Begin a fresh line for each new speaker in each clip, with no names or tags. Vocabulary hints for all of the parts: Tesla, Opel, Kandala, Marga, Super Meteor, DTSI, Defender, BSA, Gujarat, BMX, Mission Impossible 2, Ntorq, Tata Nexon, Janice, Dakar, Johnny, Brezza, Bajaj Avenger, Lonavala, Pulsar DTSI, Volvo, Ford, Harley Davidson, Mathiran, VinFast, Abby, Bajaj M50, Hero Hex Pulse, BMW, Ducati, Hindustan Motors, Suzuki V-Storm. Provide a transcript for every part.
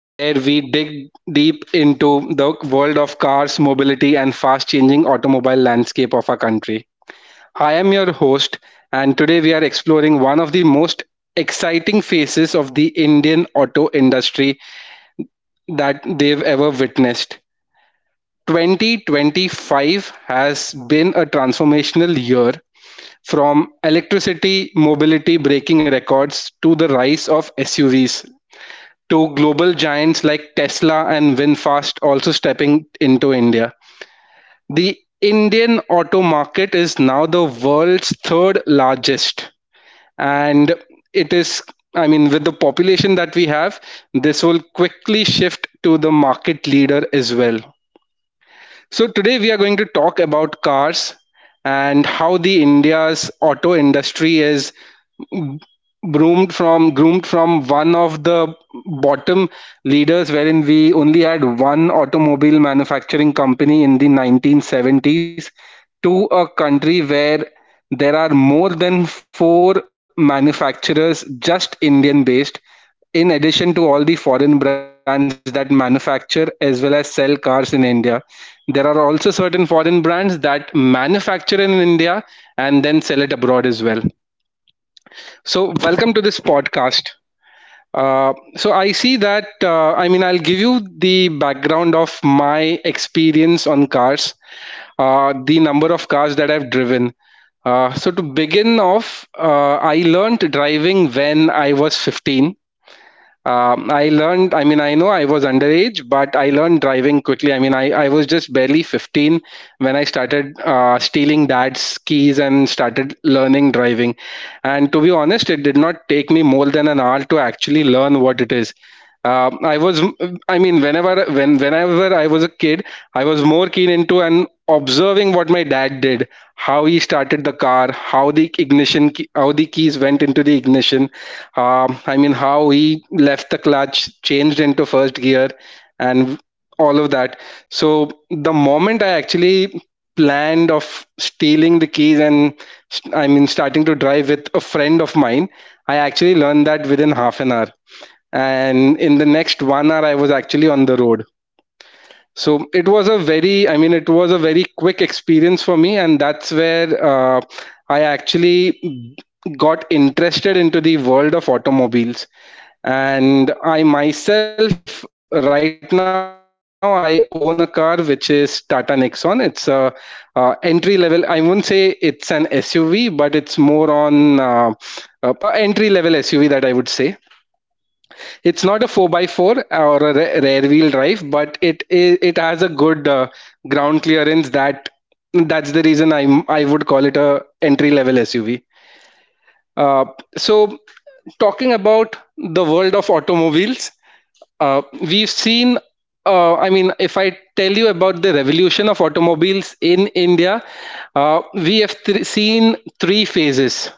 where we dig deep into the world of cars, mobility, and fast changing automobile landscape of our country. I am your host, and today we are exploring one of the most exciting phases of the Indian auto industry that they've ever witnessed. 2025 has been a transformational year from electricity mobility breaking records to the rise of SUVs, to global giants like Tesla and VinFast also stepping into India. The Indian auto market is now the world's third largest, and it is, I mean, with the population that we have, this will quickly shift to the market leader as well. So today we are going to talk about cars and how the India's auto industry is groomed from one of the bottom leaders wherein we only had one automobile manufacturing company in the 1970s to a country where there are more than four manufacturers just Indian based, in addition to all the foreign brands that manufacture as well as sell cars in India. There are also certain foreign brands that manufacture in India and then sell it abroad as well. So, welcome to this podcast. I see that, I mean, I'll give you the background of my experience on cars, the number of cars that I've driven. To begin off, I learned driving when I was 15. I learned, I mean, I know I was underage, but I learned driving quickly. I mean, I was just barely 15 when I started stealing dad's keys and started learning driving. And to be honest, it did not take me more than an hour to actually learn what it is. Um I was, I mean, whenever I was a kid, I was more keen into and observing what my dad did, how he started the car, how the how the keys went into the ignition. I mean, how he left the clutch, changed into first gear, and all of that. So the moment I actually planned of stealing the keys and I mean starting to drive with a friend of mine, I actually learned that within half an hour. And in the next 1 hour, I was actually on the road. So it was a very quick experience for me, and that's where I actually got interested into the world of automobiles. And I myself right now, I own a car, which is Tata Nexon. It's a, entry level, I won't say it's an SUV, but it's more on, a entry level SUV, that I would say. It's not a 4 by 4 or a rear wheel drive, but it is, it has a good ground clearance. That's the reason I would call it a entry level SUV. Uh, so Talking about the world of automobiles, uh, we've seen. I mean, if I tell you about the revolution of automobiles in India, we have seen three phases.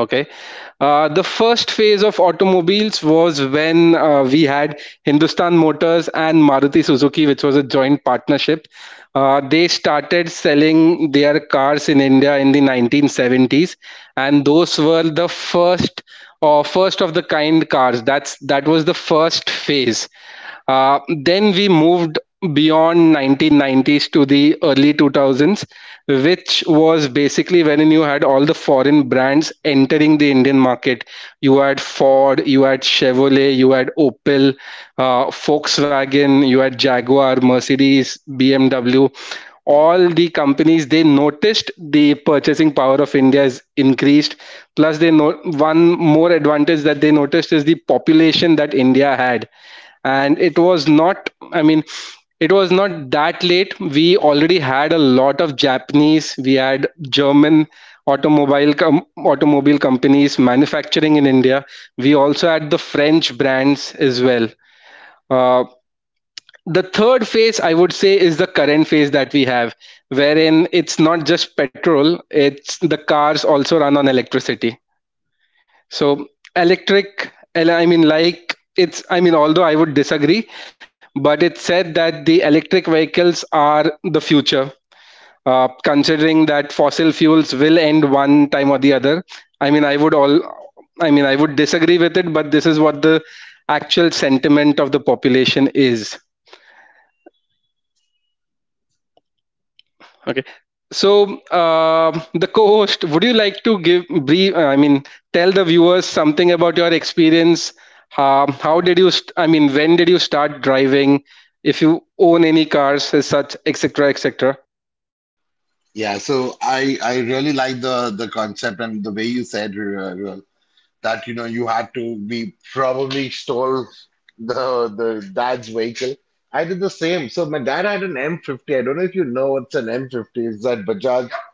Okay. The first phase of automobiles was when we had Hindustan Motors and Maruti Suzuki, which was a joint partnership. They started selling their cars in India in the 1970s, and those were the first or first of the kind cars. That was the first phase. Then we moved beyond 1990s to the early 2000s, which was basically when you had all the foreign brands entering the Indian market. You had Ford, you had Chevrolet, you had Opel, Volkswagen, you had Jaguar, Mercedes, BMW. All the companies, they noticed the purchasing power of India is increased. Plus, they know one more advantage that they noticed is the population that India had. And it was not I mean it was not that late. We already had a lot of Japanese, we had German automobile companies manufacturing in India. We also had the French brands as well. uh, the third phase, I would say, is the current phase that we have, wherein it's not just petrol, it's the cars also run on electricity. So electric, and I mean, like it's, I mean, although I would disagree, but it's said that the electric vehicles are the future. Considering that fossil fuels will end one time or the other, I mean, I would all, I mean, I would disagree with it, but this is what the actual sentiment of the population is. Okay. So, the co-host, would you like to give brief? I mean, tell the viewers something about your experience. How did you? I mean, when did you start driving? If you own any cars, as such, etc., etc.
Yeah, so I really like the concept and the way you said Ruel, that you had to we probably stole the dad's vehicle. I did the same. So my dad had an M50. I don't know if you know what's an M50. It's that Bajaj
Yep,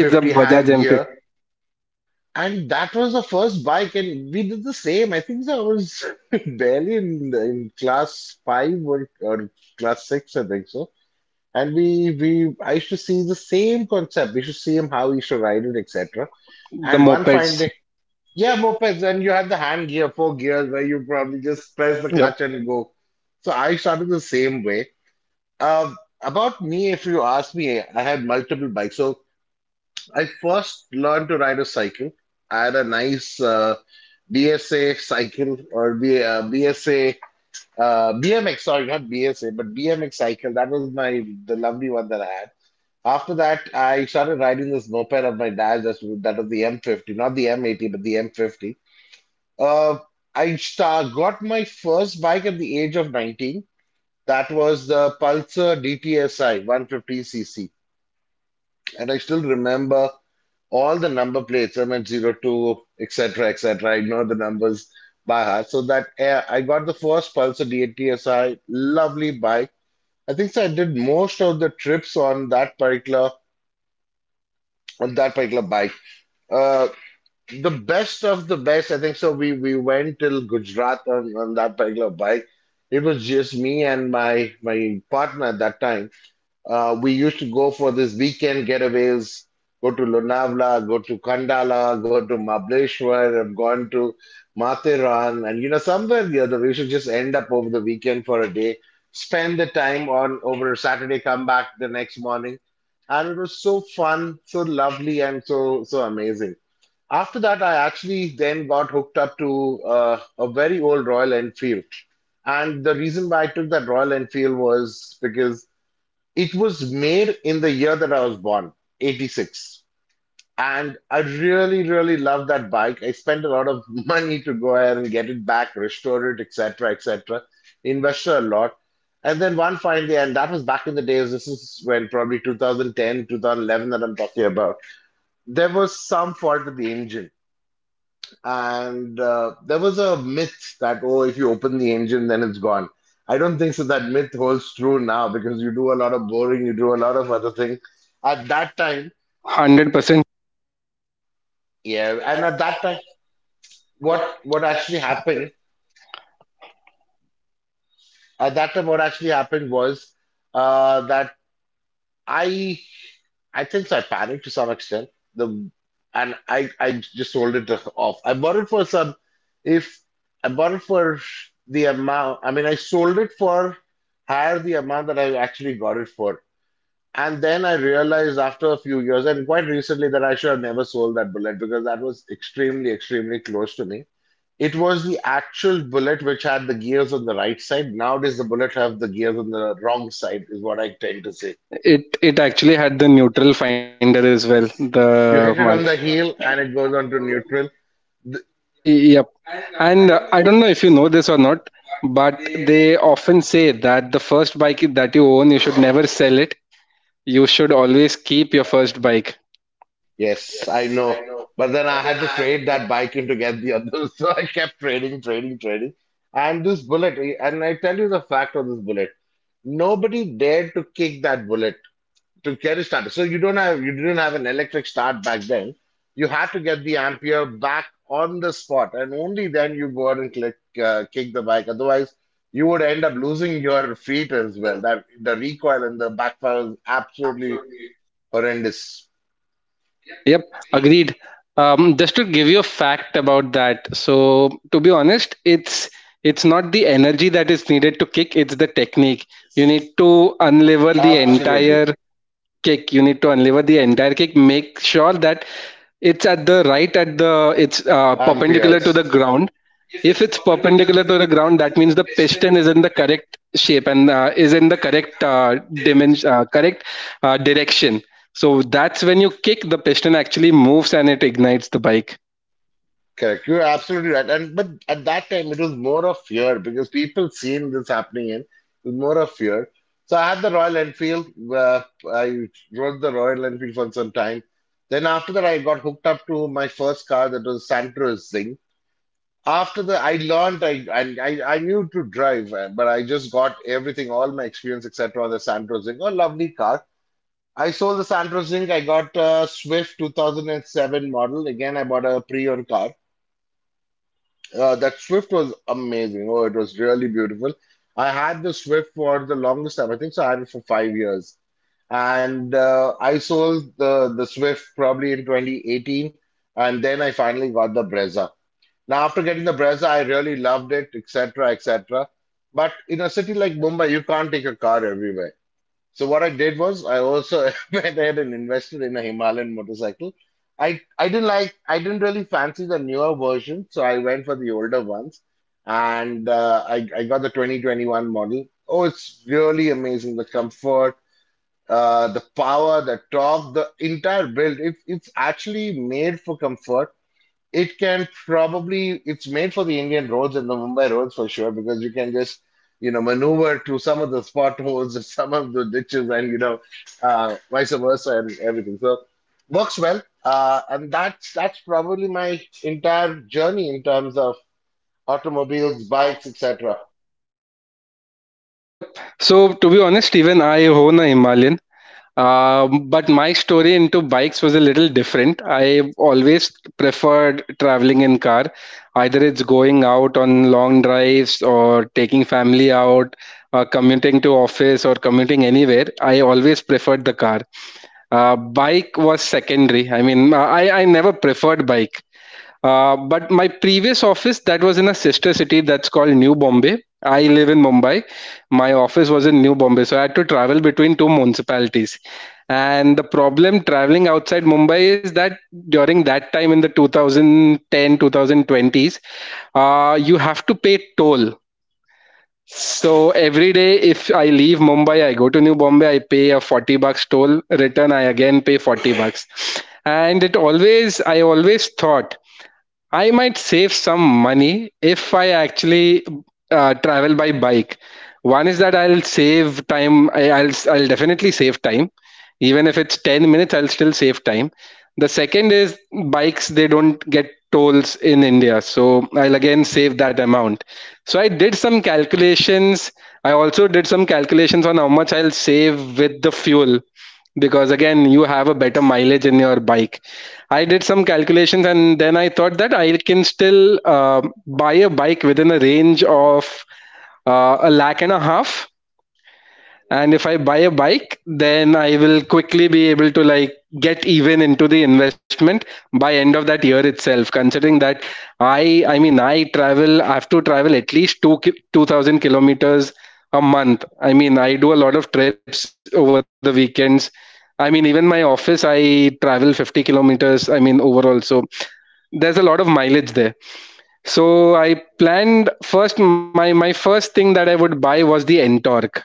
it's a Bajaj
hand
M50,
gear, and that was the first bike, and we did the same. I think so. I was barely in class five or class six, I think so, and I used to see the same concept. We should see him how he should ride it, etc.
the
And one fine
mopeds.
day, yeah, mopeds, and you have the hand gear, four gears, where you probably just press the
Yep,
clutch and go. So I started the same way. About me, if you ask me, I had multiple bikes. So I first learned to ride a cycle. I had a nice BSA cycle, or B, BSA, BMX. Sorry, not BSA, but BMX cycle. That was my the lovely one that I had. After that, I started riding this moped of my dad's. That was the M50, not the M80, but the M50. Uh, got my first bike at the age of 19. That was the Pulsar DTSI 150 cc. And I still remember all the number plates, MH02, etc., etc. I know the numbers by heart. So that I got the first Pulsar DTSI, lovely bike. I think so I did most of the trips on that particular bike. Uh, the best of the best. I think so. We went till Gujarat on that particular bike. It was just me and my partner at that time. We used to go for this weekend getaways. Go to Lonavala, go to Kandala, go to Mableshwar. I've gone to Mathiran, and somewhere or the other we should just end up over the weekend for a day. Spend the time on over Saturday, come back the next morning, and it was so fun, so lovely, and so amazing. After that, I actually then got hooked up to a very old Royal Enfield. And the reason why I took that Royal Enfield was because it was made in the year that I was born, 86. And I really, really loved that bike. I spent a lot of money to go ahead and get it back, restore it, etc., etc., invested a lot. And then one fine day, and that was back in the days, this is when probably 2010, 2011 that I'm talking about, there was some fault with the engine and there was a myth that, oh, if you open the engine, then it's gone. I don't think so that myth holds true now because you do a lot of boring, you do a lot of other things. At that time,
100%.
yeah, and at that time, what actually happened, at that time, what actually happened was that I I think so, I panicked to some extent. The And I just sold it off. I bought it for some if I bought it for the amount. I mean, I sold it for higher the amount that I actually got it for. And then I realized after a few years and quite recently that I should have never sold that bullet because that was extremely, extremely close to me. It was the actual bullet which had the gears on the right side. Nowadays, the bullet have the gears on the wrong side, is what I tend to say.
It it actually had the neutral finder as well. The
You hit
one.
it on the heel and it goes on to neutral. Th-
Yep. And I don't know if you know this or not, but they often say that the first bike that you own, you should never sell it. You should always keep your first bike.
yes, I know. But then I had to trade that bike in to get the other. So I kept trading, trading, trading. And this bullet, and I tell you the fact of this bullet. Nobody dared to kick that bullet to get it started. So you didn't have an electric start back then. You had to get the ampere back on the spot, and only then you go out and click kick the bike. Otherwise, you would end up losing your feet as well. That the recoil and the backfire is absolutely horrendous.
Yep, agreed. Just to give you a fact about that. So to be honest, it's not the energy that is needed to kick, it's the technique. You need to unlever the
Absolutely
entire kick. You need to unlever the entire kick. Make sure that it's at the it's perpendicular
amperes.
to the ground. If it's perpendicular to the ground, that means the piston is in the correct shape, and is in the correct dimension, correct direction. So that's when you kick, the piston actually moves and it ignites the bike.
Correct. You're absolutely right. And but at that time it was more of fear because people seen this happening in it was more of fear. So I had the Royal Enfield. Uh, I rode the Royal Enfield for some time. Then after that, I got hooked up to my first car that was Santro Singh. After that, I learned I knew to drive, but I just got everything, all my experience, etc. on the Santro Singh. A lovely car. I sold the Santro Singh. I got a Swift 2007 model. Again, I bought a pre-owned car. That Swift was amazing. Oh, it was really beautiful. I had the Swift for the longest time. I think so. I had it for 5 years, and I sold the Swift probably in 2018, and then I finally got the Brezza. Now, after getting the Brezza, I really loved it, etc., etc. But in a city like Mumbai, you can't take a car everywhere. So what I did was I also went ahead and invested in a Himalayan motorcycle. I didn't really fancy the newer version, so I went for the older ones, and I got the 2021 model. Oh, it's really amazing. The comfort, the power, the torque, the entire build. It's actually made for comfort. It can probably, it's made for the Indian roads and the Mumbai roads for sure, because you can just, maneuver to some of the potholes and some of the ditches and vice versa and everything. So works well. And that's probably my entire journey in terms of automobiles, bikes, etc.
Yep. So to be honest, even I own a Himalayan. But my story into bikes was a little different. I always preferred traveling in car. Either it's going out on long drives or taking family out, commuting to office or commuting anywhere. I always preferred the car. Bike was secondary. I mean, I never preferred bike. But my previous office that was in a sister city that's called New Bombay. I live in Mumbai. My office was in New Bombay, so I had to travel between two municipalities. And the problem traveling outside Mumbai is that during that time, in the 2010 2020s, you have to pay toll. So every day, if I leave Mumbai, I go to New Bombay, I pay a 40 bucks toll, return, I again pay 40 bucks. I always thought I might save some money if I actually travel by bike. One is that I'll save time. I'll definitely save time, even if it's 10 minutes. I'll still save time. The second is bikes. They don't get tolls in India, so I'll again save that amount. So I did some calculations. I also did some calculations on how much I'll save with the fuel, because again you have a better mileage in your bike. I did some calculations, and then I thought that I can still buy a bike within a range of a lakh and a half. And if I buy a bike, then I will quickly be able to like get even into the investment by end of that year itself, considering that I have to travel at least 2000 kilometers a month. I mean, I do a lot of trips over the weekends. I mean, even my office I travel 50 kilometers, I mean, overall. So there's a lot of mileage there. So I planned first. My first thing that I would buy was the Ntorq.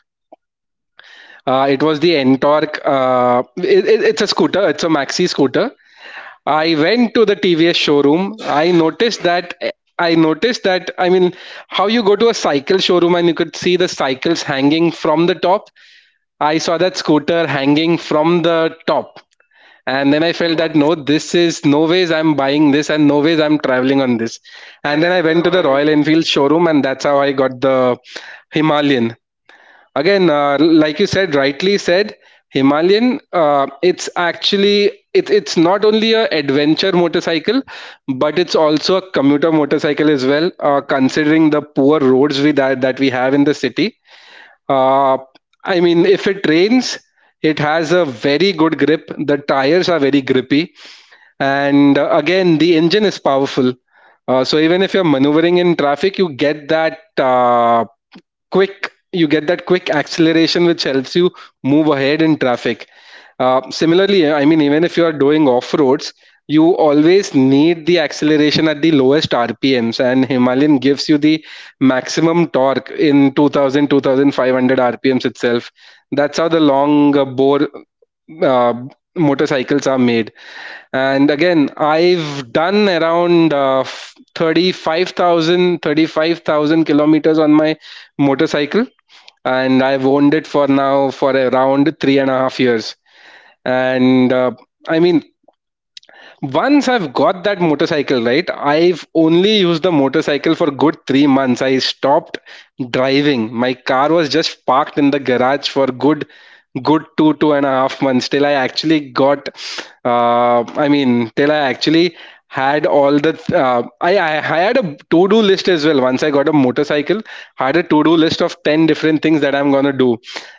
It was the Ntorq. It's a scooter. It's a maxi scooter. I went to the TVS showroom. I noticed that. I noticed that. I mean, how you go to a cycle showroom and you could see the cycles hanging from the top. I saw that scooter hanging from the top, and then I felt that no, this is no ways I'm buying this, and no ways I'm traveling on this. And then I went to the Royal Enfield showroom, and that's how I got the Himalayan again. Like you said rightly said himalayan. It's actually it's not only a adventure motorcycle, but it's also a commuter motorcycle as well. Considering the poor roads that we have in the city, uh, I mean, if it rains, it has a very good grip. The tires are very grippy. And again, the engine is powerful. So even if you're maneuvering in traffic, you get that quick you get that quick acceleration which helps you move ahead in traffic. Similarly, I mean, even if you are doing off roads, you always need the acceleration at the lowest rpms, and himalayan gives you the maximum torque in 2000 2500 rpms itself. That's how the long bore uh, motorcycles are made. And again, I've done around 35,000 kilometers on my motorcycle, and I've owned it for now for around three and a half years. And I mean, once I've got that motorcycle, right, I've only used the motorcycle for good 3 months. I stopped driving. My car was just parked in the garage for good two and a half months till I actually had all the I had a to-do list as well once I got a motorcycle. I had a to-do list of 10 different things that I'm going to do.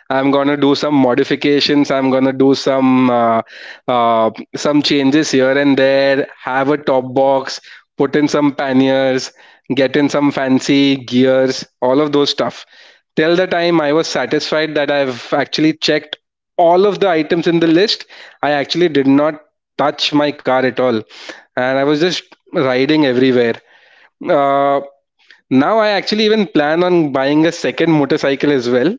I'm going to do some modifications, I'm going to do some changes here and there, have a top box, put in some panniers, get in some fancy gears, all of those stuff. Till the time I was satisfied that I've actually checked all of the items in the list, I actually did not touch my car at all. And I was just riding everywhere. Uh, now I actually even plan on buying a second motorcycle as well.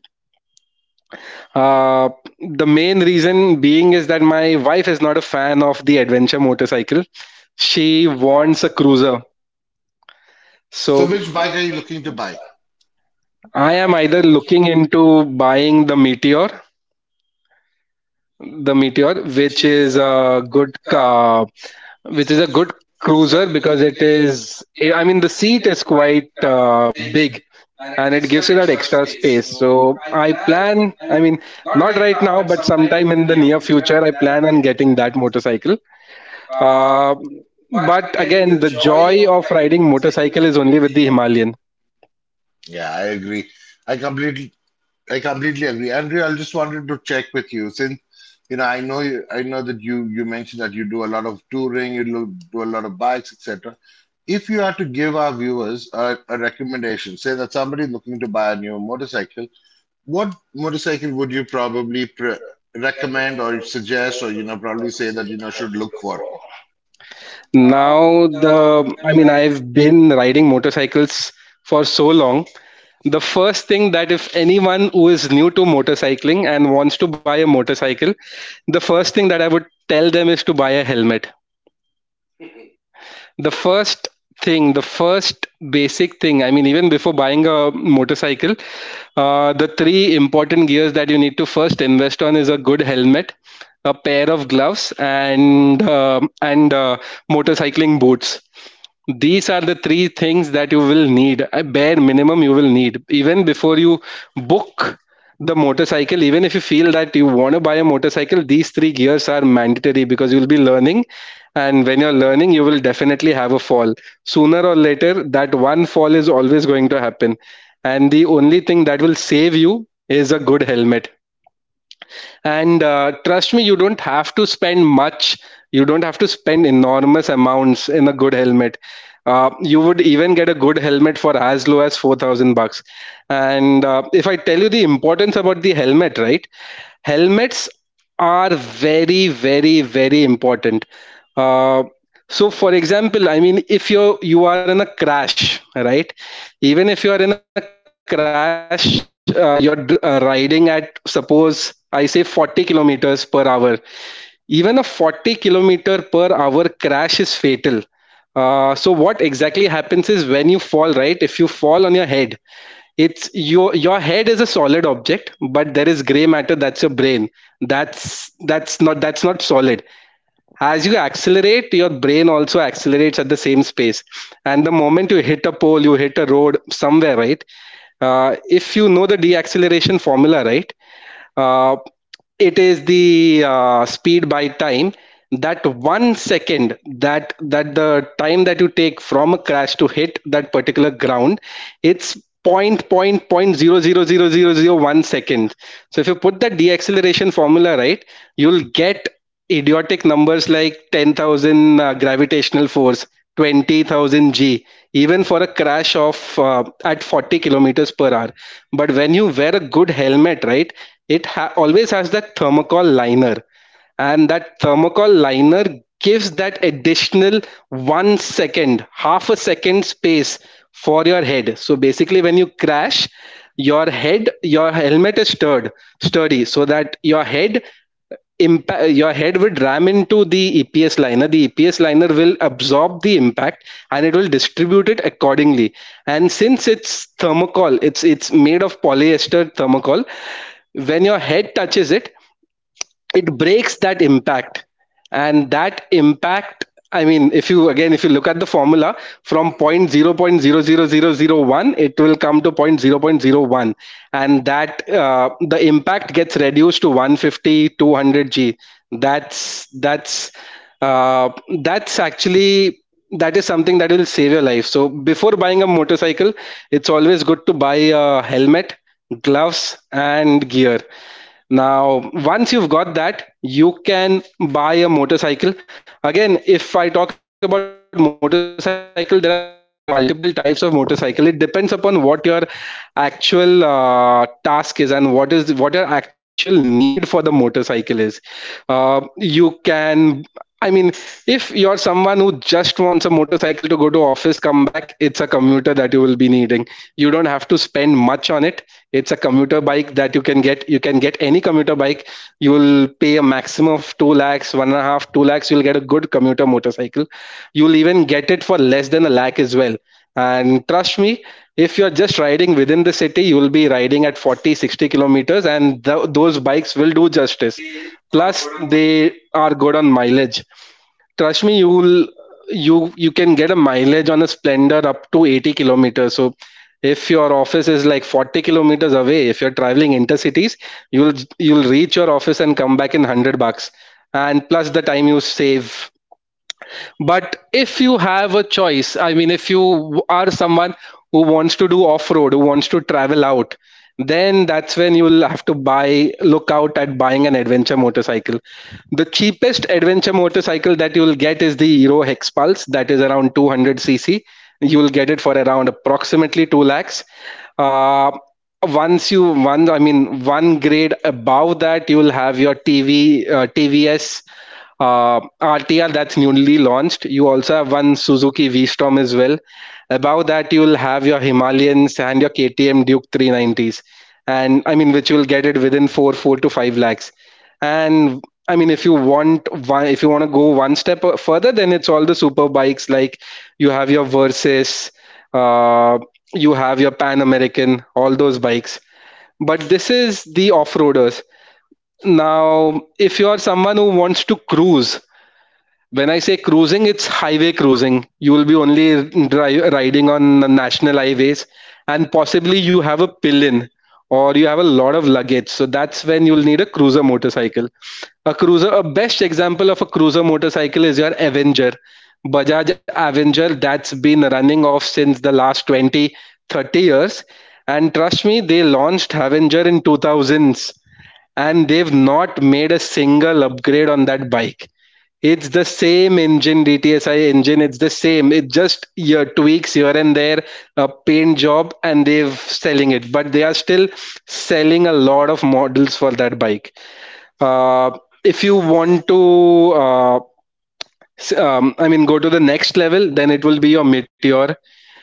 Uh, the main reason being is that my wife is not a fan of the adventure motorcycle. She wants a cruiser.
So
So
which bike are you looking to buy?
I am either looking into buying the Meteor, which is a good car, which is a good cruiser because it is. I mean, the seat is quite big, and it gives you that extra space. So I plan, I mean, not right now, but sometime in the near future, I plan on getting that motorcycle. Uh, but again, the joy of riding motorcycle is only with the Himalayan.
Yeah, I agree. I completely I completely agree. Andrew, I just wanted to check with you since I know you, I know that you mentioned that you do a lot of touring, do a lot of bikes, etc. If you had to give our viewers a recommendation, say that somebody looking to buy a new motorcycle, what motorcycle would you probably pre recommend or suggest, or probably say that should look for?
Now, the I mean, I've been riding motorcycles for so long. The first thing that if anyone who is new to motorcycling and wants to buy a motorcycle, the first thing that I would tell them is to buy a helmet. The first thing the first basic thing, I mean, even before buying a motorcycle, the three important gears that you need to first invest on is a good helmet, a pair of gloves, and motorcycling boots. These are the three things that you will need, a bare minimum, you will need even before you book the motorcycle. Even if you feel that you want to buy a motorcycle, these three gears are mandatory because you'll be learning, and when you're learning you will definitely have a fall sooner or later. That one fall is always going to happen, and the only thing that will save you is a good helmet. And trust me, you don't have to spend much. You don't have to spend enormous amounts in a good helmet. You would even get a good helmet for as low as 4000 bucks. And if I tell you the importance about the helmet, right, helmets are very, very, very important. Uh, so for example, I mean, if you are in a crash, right, even if you are in a crash, you're riding at, suppose I say, 40 kilometers per hour. Even a 40 kilometer per hour crash is fatal. So what exactly happens is when you fall, right? If you fall on your head, it's your head is a solid object, but there is gray matter, that's your brain. That's not solid. As you accelerate, your brain also accelerates at the same space. And the moment you hit a pole, you hit a road somewhere, right? If you know the deacceleration formula, right, uh, it is the speed by time. That 1 second, that the time that you take from a crash to hit that particular ground, it's point zero zero zero zero zero one second. So if you put the deceleration formula, right, you'll get idiotic numbers like 10,000 gravitational force, 20,000 G, even for a crash of at 40 kilometers per hour. But when you wear a good helmet, right, it always has that thermocol liner, and that thermocol liner gives that additional 1 second, half a second space for your head. So basically, when you crash, your head, your helmet is sturdy, so that your head would ram into the EPS liner. The EPS liner will absorb the impact, and it will distribute it accordingly. And since it's thermocol, it's made of polyester thermocol. When your head touches it, it breaks that impact. And that impact, I mean, if you look at the formula, from point 0.0000 0.00001 it will come to point 0.01, and that the impact gets reduced to one fifty, two hundred g. that's that's uh, that's actually that is something that will save your life. So before buying a motorcycle, it's always good to buy a helmet, gloves, and gear. Now, once you've got that, you can buy a motorcycle. Again, if I talk about motorcycle, there are multiple types of motorcycle. It depends upon what your actual task is, and what your actual need for the motorcycle is. You can I mean, if you're someone who just wants a motorcycle to go to office, come back, it's a commuter that you will be needing. You don't have to spend much on it. It's a commuter bike that you can get. You can get any commuter bike. You will pay a maximum of 2 lakhs, one and a half, 2 lakhs. You'll get a good commuter motorcycle. You'll even get it for less than a lakh as well. And trust me, if you're just riding within the city, you will be riding at 40, 60 kilometers, and those bikes will do justice. Plus, they are good on mileage. Trust me, you can get a mileage on a Splendor up to 80 kilometers. So if your office is like 40 kilometers away, if you're traveling intercities, you'll you'll reach your office and come back in 100 bucks. And plus the time you save. But if you have a choice, I mean, if you are someone who wants to do off road, who wants to travel out, then that's when you'll have to buy, look out at buying an adventure motorcycle. The cheapest adventure motorcycle that you will get is the Hero Hex Pulse, that is around 200cc. You will get it for around approximately 2 lakhs. Uh, once you one I mean one grade above that, you will have your tv tvs RTR that's newly launched. You also have one Suzuki V-Storm as well. Above that, you'll have your Himalayans and your KTM Duke 390s, and I mean, which you'll get it within 4 to 5 lakhs. And I mean, if you want to go one step further, then it's all the super bikes like you have your Versys, uh, you have your Pan American, all those bikes. But this is the off-roaders. Now, if you are someone who wants to cruise, when I say cruising, it's highway cruising. You will be only riding on national highways, and possibly you have a pillin or you have a lot of luggage. So that's when you'll need a cruiser motorcycle. A cruiser, a best example of a cruiser motorcycle is your Avenger. Bajaj Avenger, that's been running off since the last 20, 30 years. And trust me, they launched Avenger in 2000s, and they've not made a single upgrade on that bike. It's the same engine, DTSI engine. It's the same. It just your tweaks here and there, a paint job, and they've selling it. But they are still selling a lot of models for that bike. Uh, if you want to, I mean, go to the next level, then it will be your Meteor.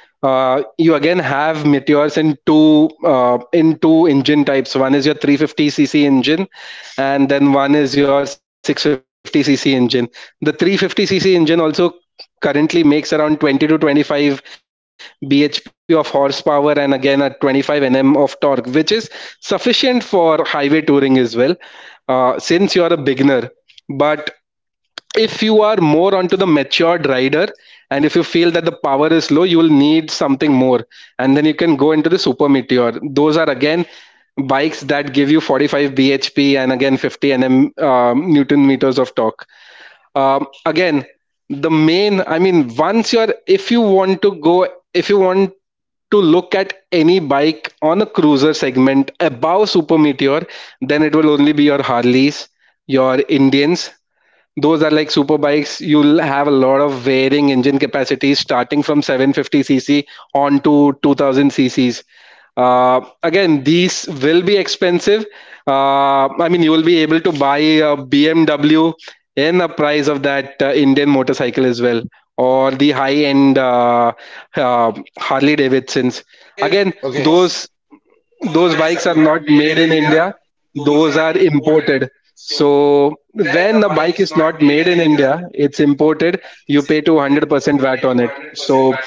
You again have meteors in two engine types. One is your 350cc engine, and then one is your 650cc engine. The 350cc engine also currently makes around 20 to 25 bhp of horsepower, and again at 25 nm of torque, which is sufficient for highway touring as well, since you're a beginner. But if you are more onto the matured rider, and if you feel that the power is low, you will need something more, and then you can go into the super meteor. Those are again bikes that give you 45 bhp, and again 50 nm newton meters of torque. Again, the main I mean once you're if you want to go if you want to look at any bike on a cruiser segment above super meteor, then it will only be your harleys, your indians. Those are like super bikes. You'll have a lot of varying engine capacities starting from 750cc on to 2000cc's. Again, these will be expensive. I mean, you will be able to buy a BMW in the price of that Indian motorcycle as well, or the high end uh, Harley Davidsons. Again,
Okay,
those bikes are not made in India, those are imported. So when a bike is not made in India, it's imported, you pay 200% VAT on it. So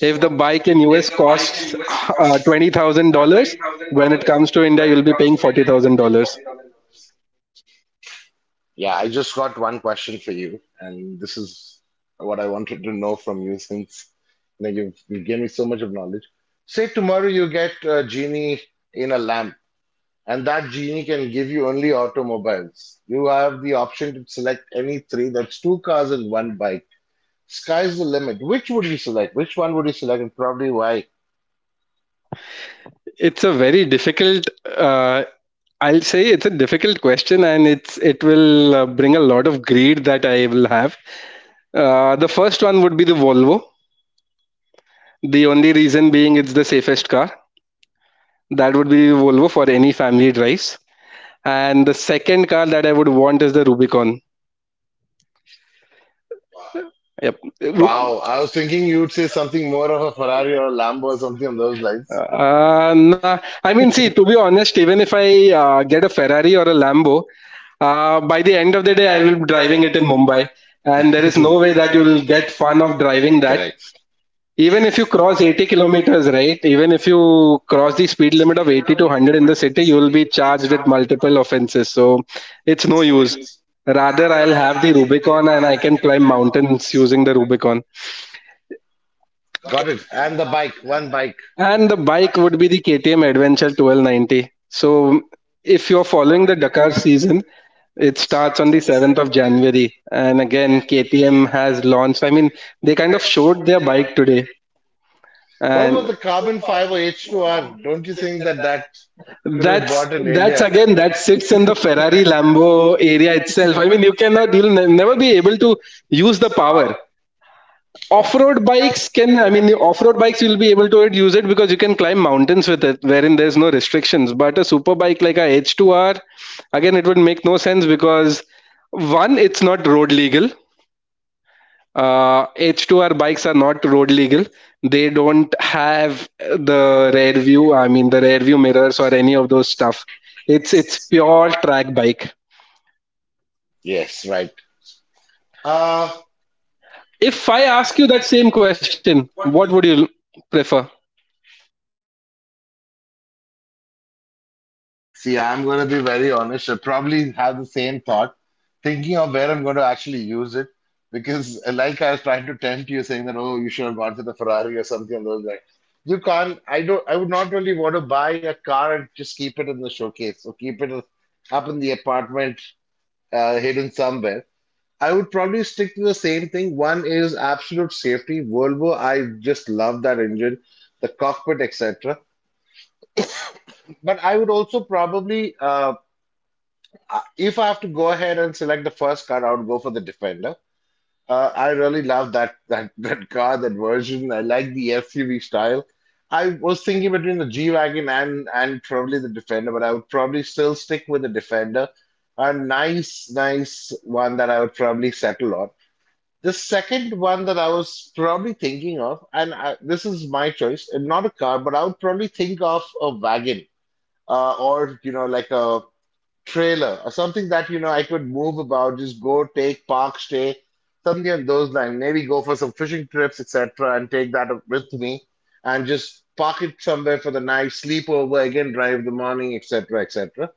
if the bike in US costs $20,000, when it comes to India, you'll be paying $40,000.
Yeah, I just got one question for you, and this is what I wanted to know from you since you've given me so much of knowledge. Say tomorrow you get a genie in a lamp, and that genie can give you only automobiles. You have the option to select any three, that's two cars and one bike. Sky's the limit. Which would you select? Which one would you select, and probably why?
It's a very difficult, uh, I'll say it's a difficult question, and it will bring a lot of greed that I will have. The first one would be the Volvo. The only reason being it's the safest car. That would be Volvo for any family drives. And the second car that I would want is the Rubicon. Yep. Ru-
Wow, I was thinking you would say something more of a Ferrari or a Lambo or something on those lines.
nah. I mean, see, to be honest, even if I get a Ferrari or a Lambo, by the end of the day, I will be driving it in Mumbai.
And
And there is
there's
no
no
way
way that
that you
that. you
will
will
get
get
fun
fun
of
of
driving
driving that.
that.
Correct.
Even if you cross 80 kilometers, right? Even if you cross the speed limit of 80 to 100 in the city, you will be charged with multiple offenses. So it's no use. Rather, I'll have the Rubicon, and I can climb mountains using the Rubicon.
Got it. And the bike, one bike.
And the bike would be the KTM Adventure 1290. So if you're following the Dakar season, it starts on the 7th of January. And again, KTM has launched, I mean, they kind of showed their bike today.
What about
And
the carbon fiber H2R? Don't you think that that could
that's again that sits in the Ferrari Lambo area itself. I mean, you'll never be able to use the power. Off-road bikes can I mean, the off-road bikes you'll be
be.
able to use it because you can climb mountains with it, wherein there's no restrictions. But a super bike like a H2R, again, it would make no sense because one, it's not road legal. H2R bikes are not road legal. They don't have the rear view. I mean, the rear view mirrors or any of those stuff. It's pure track bike.
Yes, right. Uh,
If I ask you that same question, what would you prefer?
See, I'm going to be very honest. I probably have the same thought, thinking of where I'm going to actually use it. Because, like I was trying to tempt you, saying that, oh, you should have gone for the Ferrari or something of those lines. You can't, I don't, I would not really want to buy a car and just keep it in the showcase or keep it up in the apartment, hidden somewhere. I would probably stick to the same thing. One is absolute safety. Volvo, I just love that engine, the cockpit, etc. But I would also probably if I have to go ahead and select the first card, I would go for the Defender. I really love that that car, that version. I like the SUV style. I was thinking between the G-Wagon and probably the Defender, but I would probably still stick with the Defender. A nice, nice one that I would probably settle on. The second one that I was probably thinking of, and I, this is my choice, and not a car, but I would probably think of a wagon or like a trailer or something that I could move about, just go take park stay, something on those lines. Maybe go for some fishing trips, etc., and take that with me, and just park it somewhere for the night, sleep over, again drive in the morning, etc., etc.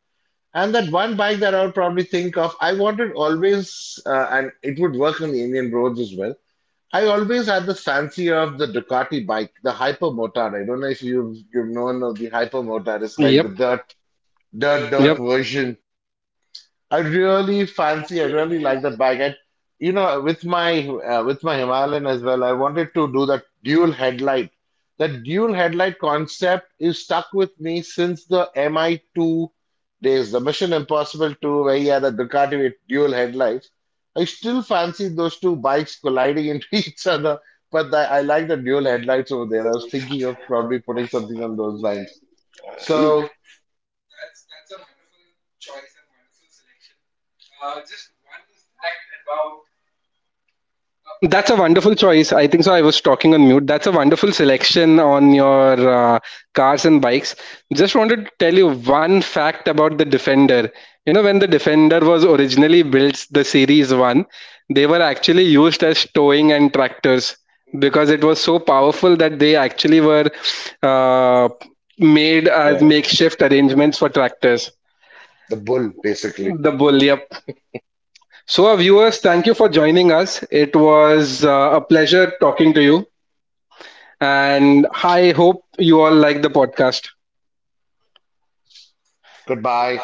And that one bike that I would probably think of, I wanted always, and it would work on the Indian roads as well. I always had the fancy of the Ducati bike, the Hypermotard. I don't know if you've known of the Hypermotard. It's like the
Yep.
dirt, dirt,
Yep.
dirt version I really fancy, I really like that bike. I, with my Himalayan as well, I wanted to do that dual headlight. That dual headlight concept is stuck with me since the MI2 days, the Mission Impossible 2, where he had a Ducati with dual headlights. I still fancy those two bikes colliding into each other, but I like the dual headlights over there. I was thinking of probably putting something on those lines.
So
So,
that's a wonderful choice. I think so. I was talking on mute. That's a wonderful selection on your cars and bikes. Just wanted to tell you one fact about the Defender. You know, when the Defender was originally built, the Series 1, they were actually used as towing and tractors because it was so powerful that they actually were uh, made as
yeah.
makeshift arrangements for tractors.
The bull, basically.
The bull, yep. So, our viewers, thank you for joining us. It was a pleasure talking to you. And I hope you all like the podcast.
Goodbye.